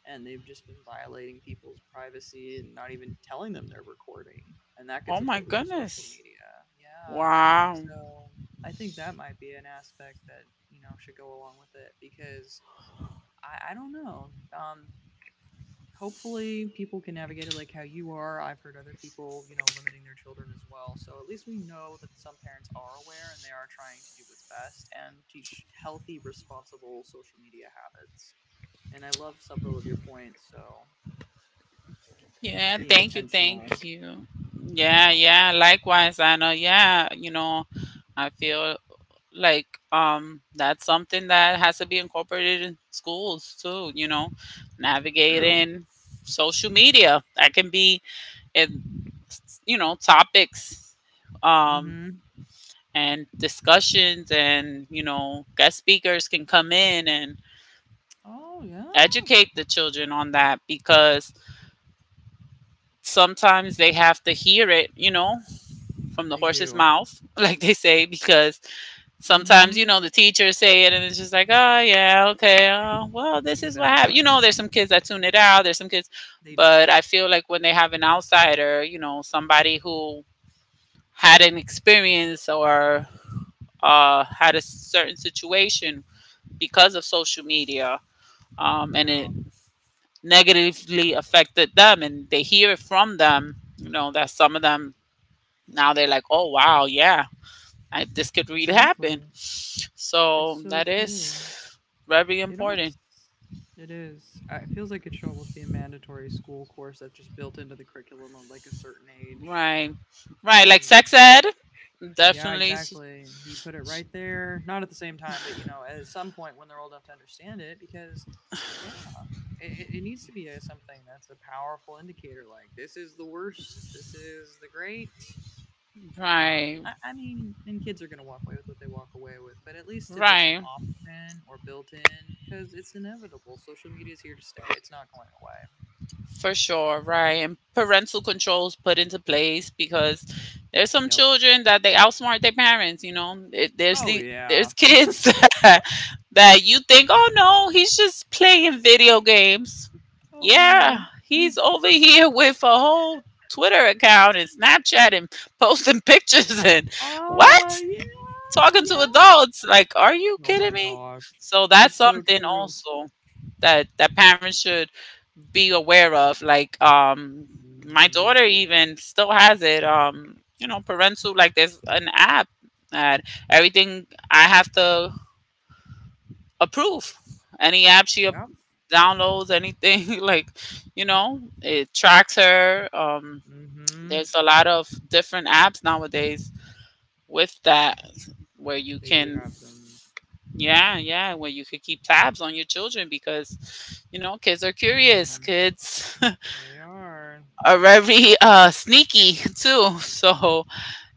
and they've just been violating people's privacy and not even telling them they're recording, and that Oh, gets my uploaded to social goodness. media. Yeah. Wow. So I think that might be an aspect that, you know, should go along with it because I don't know. Hopefully people can navigate it like how you are. I've heard other people, you know, limiting their children as well. So at least we know that some parents are aware and they are trying to do what's best and teach healthy, responsible social media habits. And I love several of your points. So it's Yeah, being thank you, intentional. thank you. Yeah, Yeah. yeah, likewise, Anna. Yeah, you know, I feel like that's something that has to be incorporated in schools too, you know, True. navigating social media. That can be in you know, topics um Mm-hmm. and discussions and, you know, guest speakers can come in and Oh yeah. educate the children on that because sometimes they have to hear it, you know, from the They horse's do. mouth, like they say, because sometimes, you Mm-hmm. know, the teachers say it and it's just like, oh, yeah, okay, oh, well, this is what happened. You Exactly. know, there's some kids that tune it out, there's some kids, They do. but I feel like when they have an outsider, you know, somebody who had an experience or had a certain situation because of social media, and Yeah. it negatively affected them and they hear it from them, you know, that some of them now they're like, oh, wow, yeah, I, this could really happen. Exactly. It's So so that true. is very It almost important. it is. I It feels like it should almost be a mandatory school course that's just built into the curriculum of like a certain age. Right. I Right. Like mean, sex ed, yeah, definitely. Exactly. You put it right there, not at the same time, but you know, at some point when they're old enough to understand it, because yeah, it needs to be something that's a powerful indicator. Like this is the worst, this is the great. Right. I mean, and kids are going to walk away with what they walk away with, but at least if it's an Right. option or built in, because it's inevitable. Social media is here to stay. It's not going away. For sure, right. And parental controls put into place because there's some Yep. children that they outsmart their parents, you know. There's Oh yeah. there's kids that you think, "Oh no, he's just playing video games." Oh Yeah, no. he's over here with a whole Twitter account and Snapchat and posting pictures and Ah what? yeah, Talking to yeah. adults. Like, are you Oh kidding my me? gosh. So that's It's so something true. also that parents should be aware of. Like my Mm-hmm. daughter even still has it. You know, parental like there's an app that everything I have to approve. Any app she ap- Yep. downloads, anything like, you know, it tracks her. Um, Mm-hmm. there's a lot of different apps nowadays with that where you They do can have them. yeah, yeah, where you could keep tabs on your children because, you know, kids are curious. Mm-hmm. Kids They are. are very sneaky too. So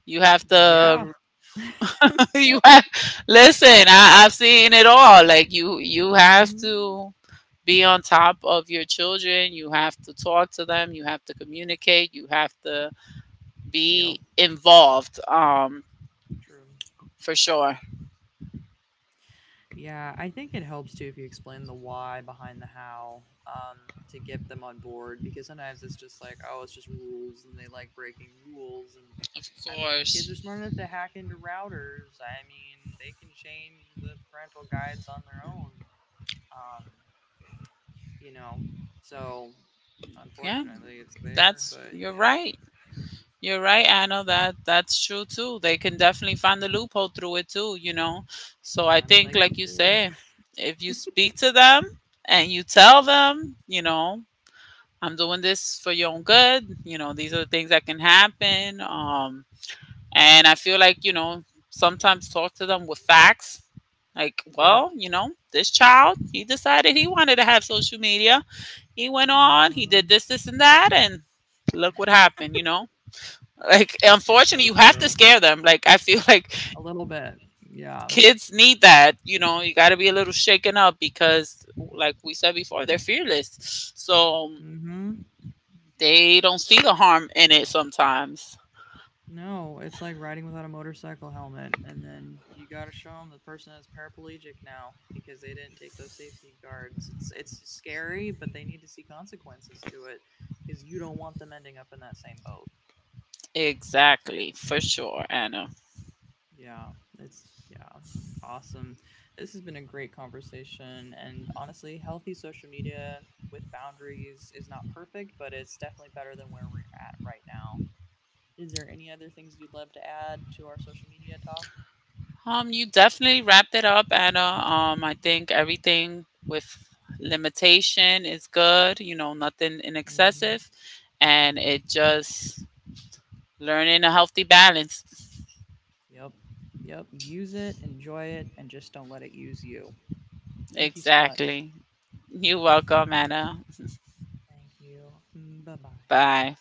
you have Yeah. to you have listen, I've seen it all. Like you have Mm-hmm. to be on top of your children. You have to talk to them. You have to communicate. You have to Yep. be involved. True. For sure. Yeah, I think it helps too if you explain the why behind the how, to get them on board, because sometimes it's just like, oh, it's just rules, and they like breaking rules. And Of I mean, kids course. are smart enough to hack into routers. I mean, they can change the parental guides on their own, um, you know. So Yeah, unfortunately, it's there. that's But you're yeah, right. You're right, Anna. That's true too. They can definitely find the loophole through it too, you know. So I I mean, think, like you like you said, say, if you speak to them and you tell them, you know, I'm doing this for your own good. You know, these are the things that can happen. And I feel like you know sometimes talk to them with facts. Like, yep. well, you know, this child, he decided he wanted to have social media. He went on, he Hmm. did this, this, and that, and look what happened, you know. Like, It's unfortunately, so you have to true. scare them. Like, I feel like A little bit. Yeah. kids need that. You know, you got to be a little shaken up because, like we said before, they're fearless. So Hmm. they don't see the harm in it sometimes. No, it's like riding without a motorcycle helmet, and then you got to show them the person is paraplegic now because they didn't take those safety guards. It's scary, but they need to see consequences to it because you don't want them ending up in that same boat. Exactly, for sure, Anna. Yeah, it's yeah, awesome. This has been a great conversation, and honestly, healthy social media with boundaries is not perfect, but it's definitely better than where we're at right now. Is there any other things you'd love to add to our social media talk? You definitely wrapped it up, Anna. I think everything with limitation is good, you know, nothing in Mm-hmm. excessive. And it just learning a healthy balance. Yep. Yep. Use it, enjoy it, and just don't let it use you. Thank you so much. Exactly. You're welcome, Anna. Thank you. Bye bye. Bye.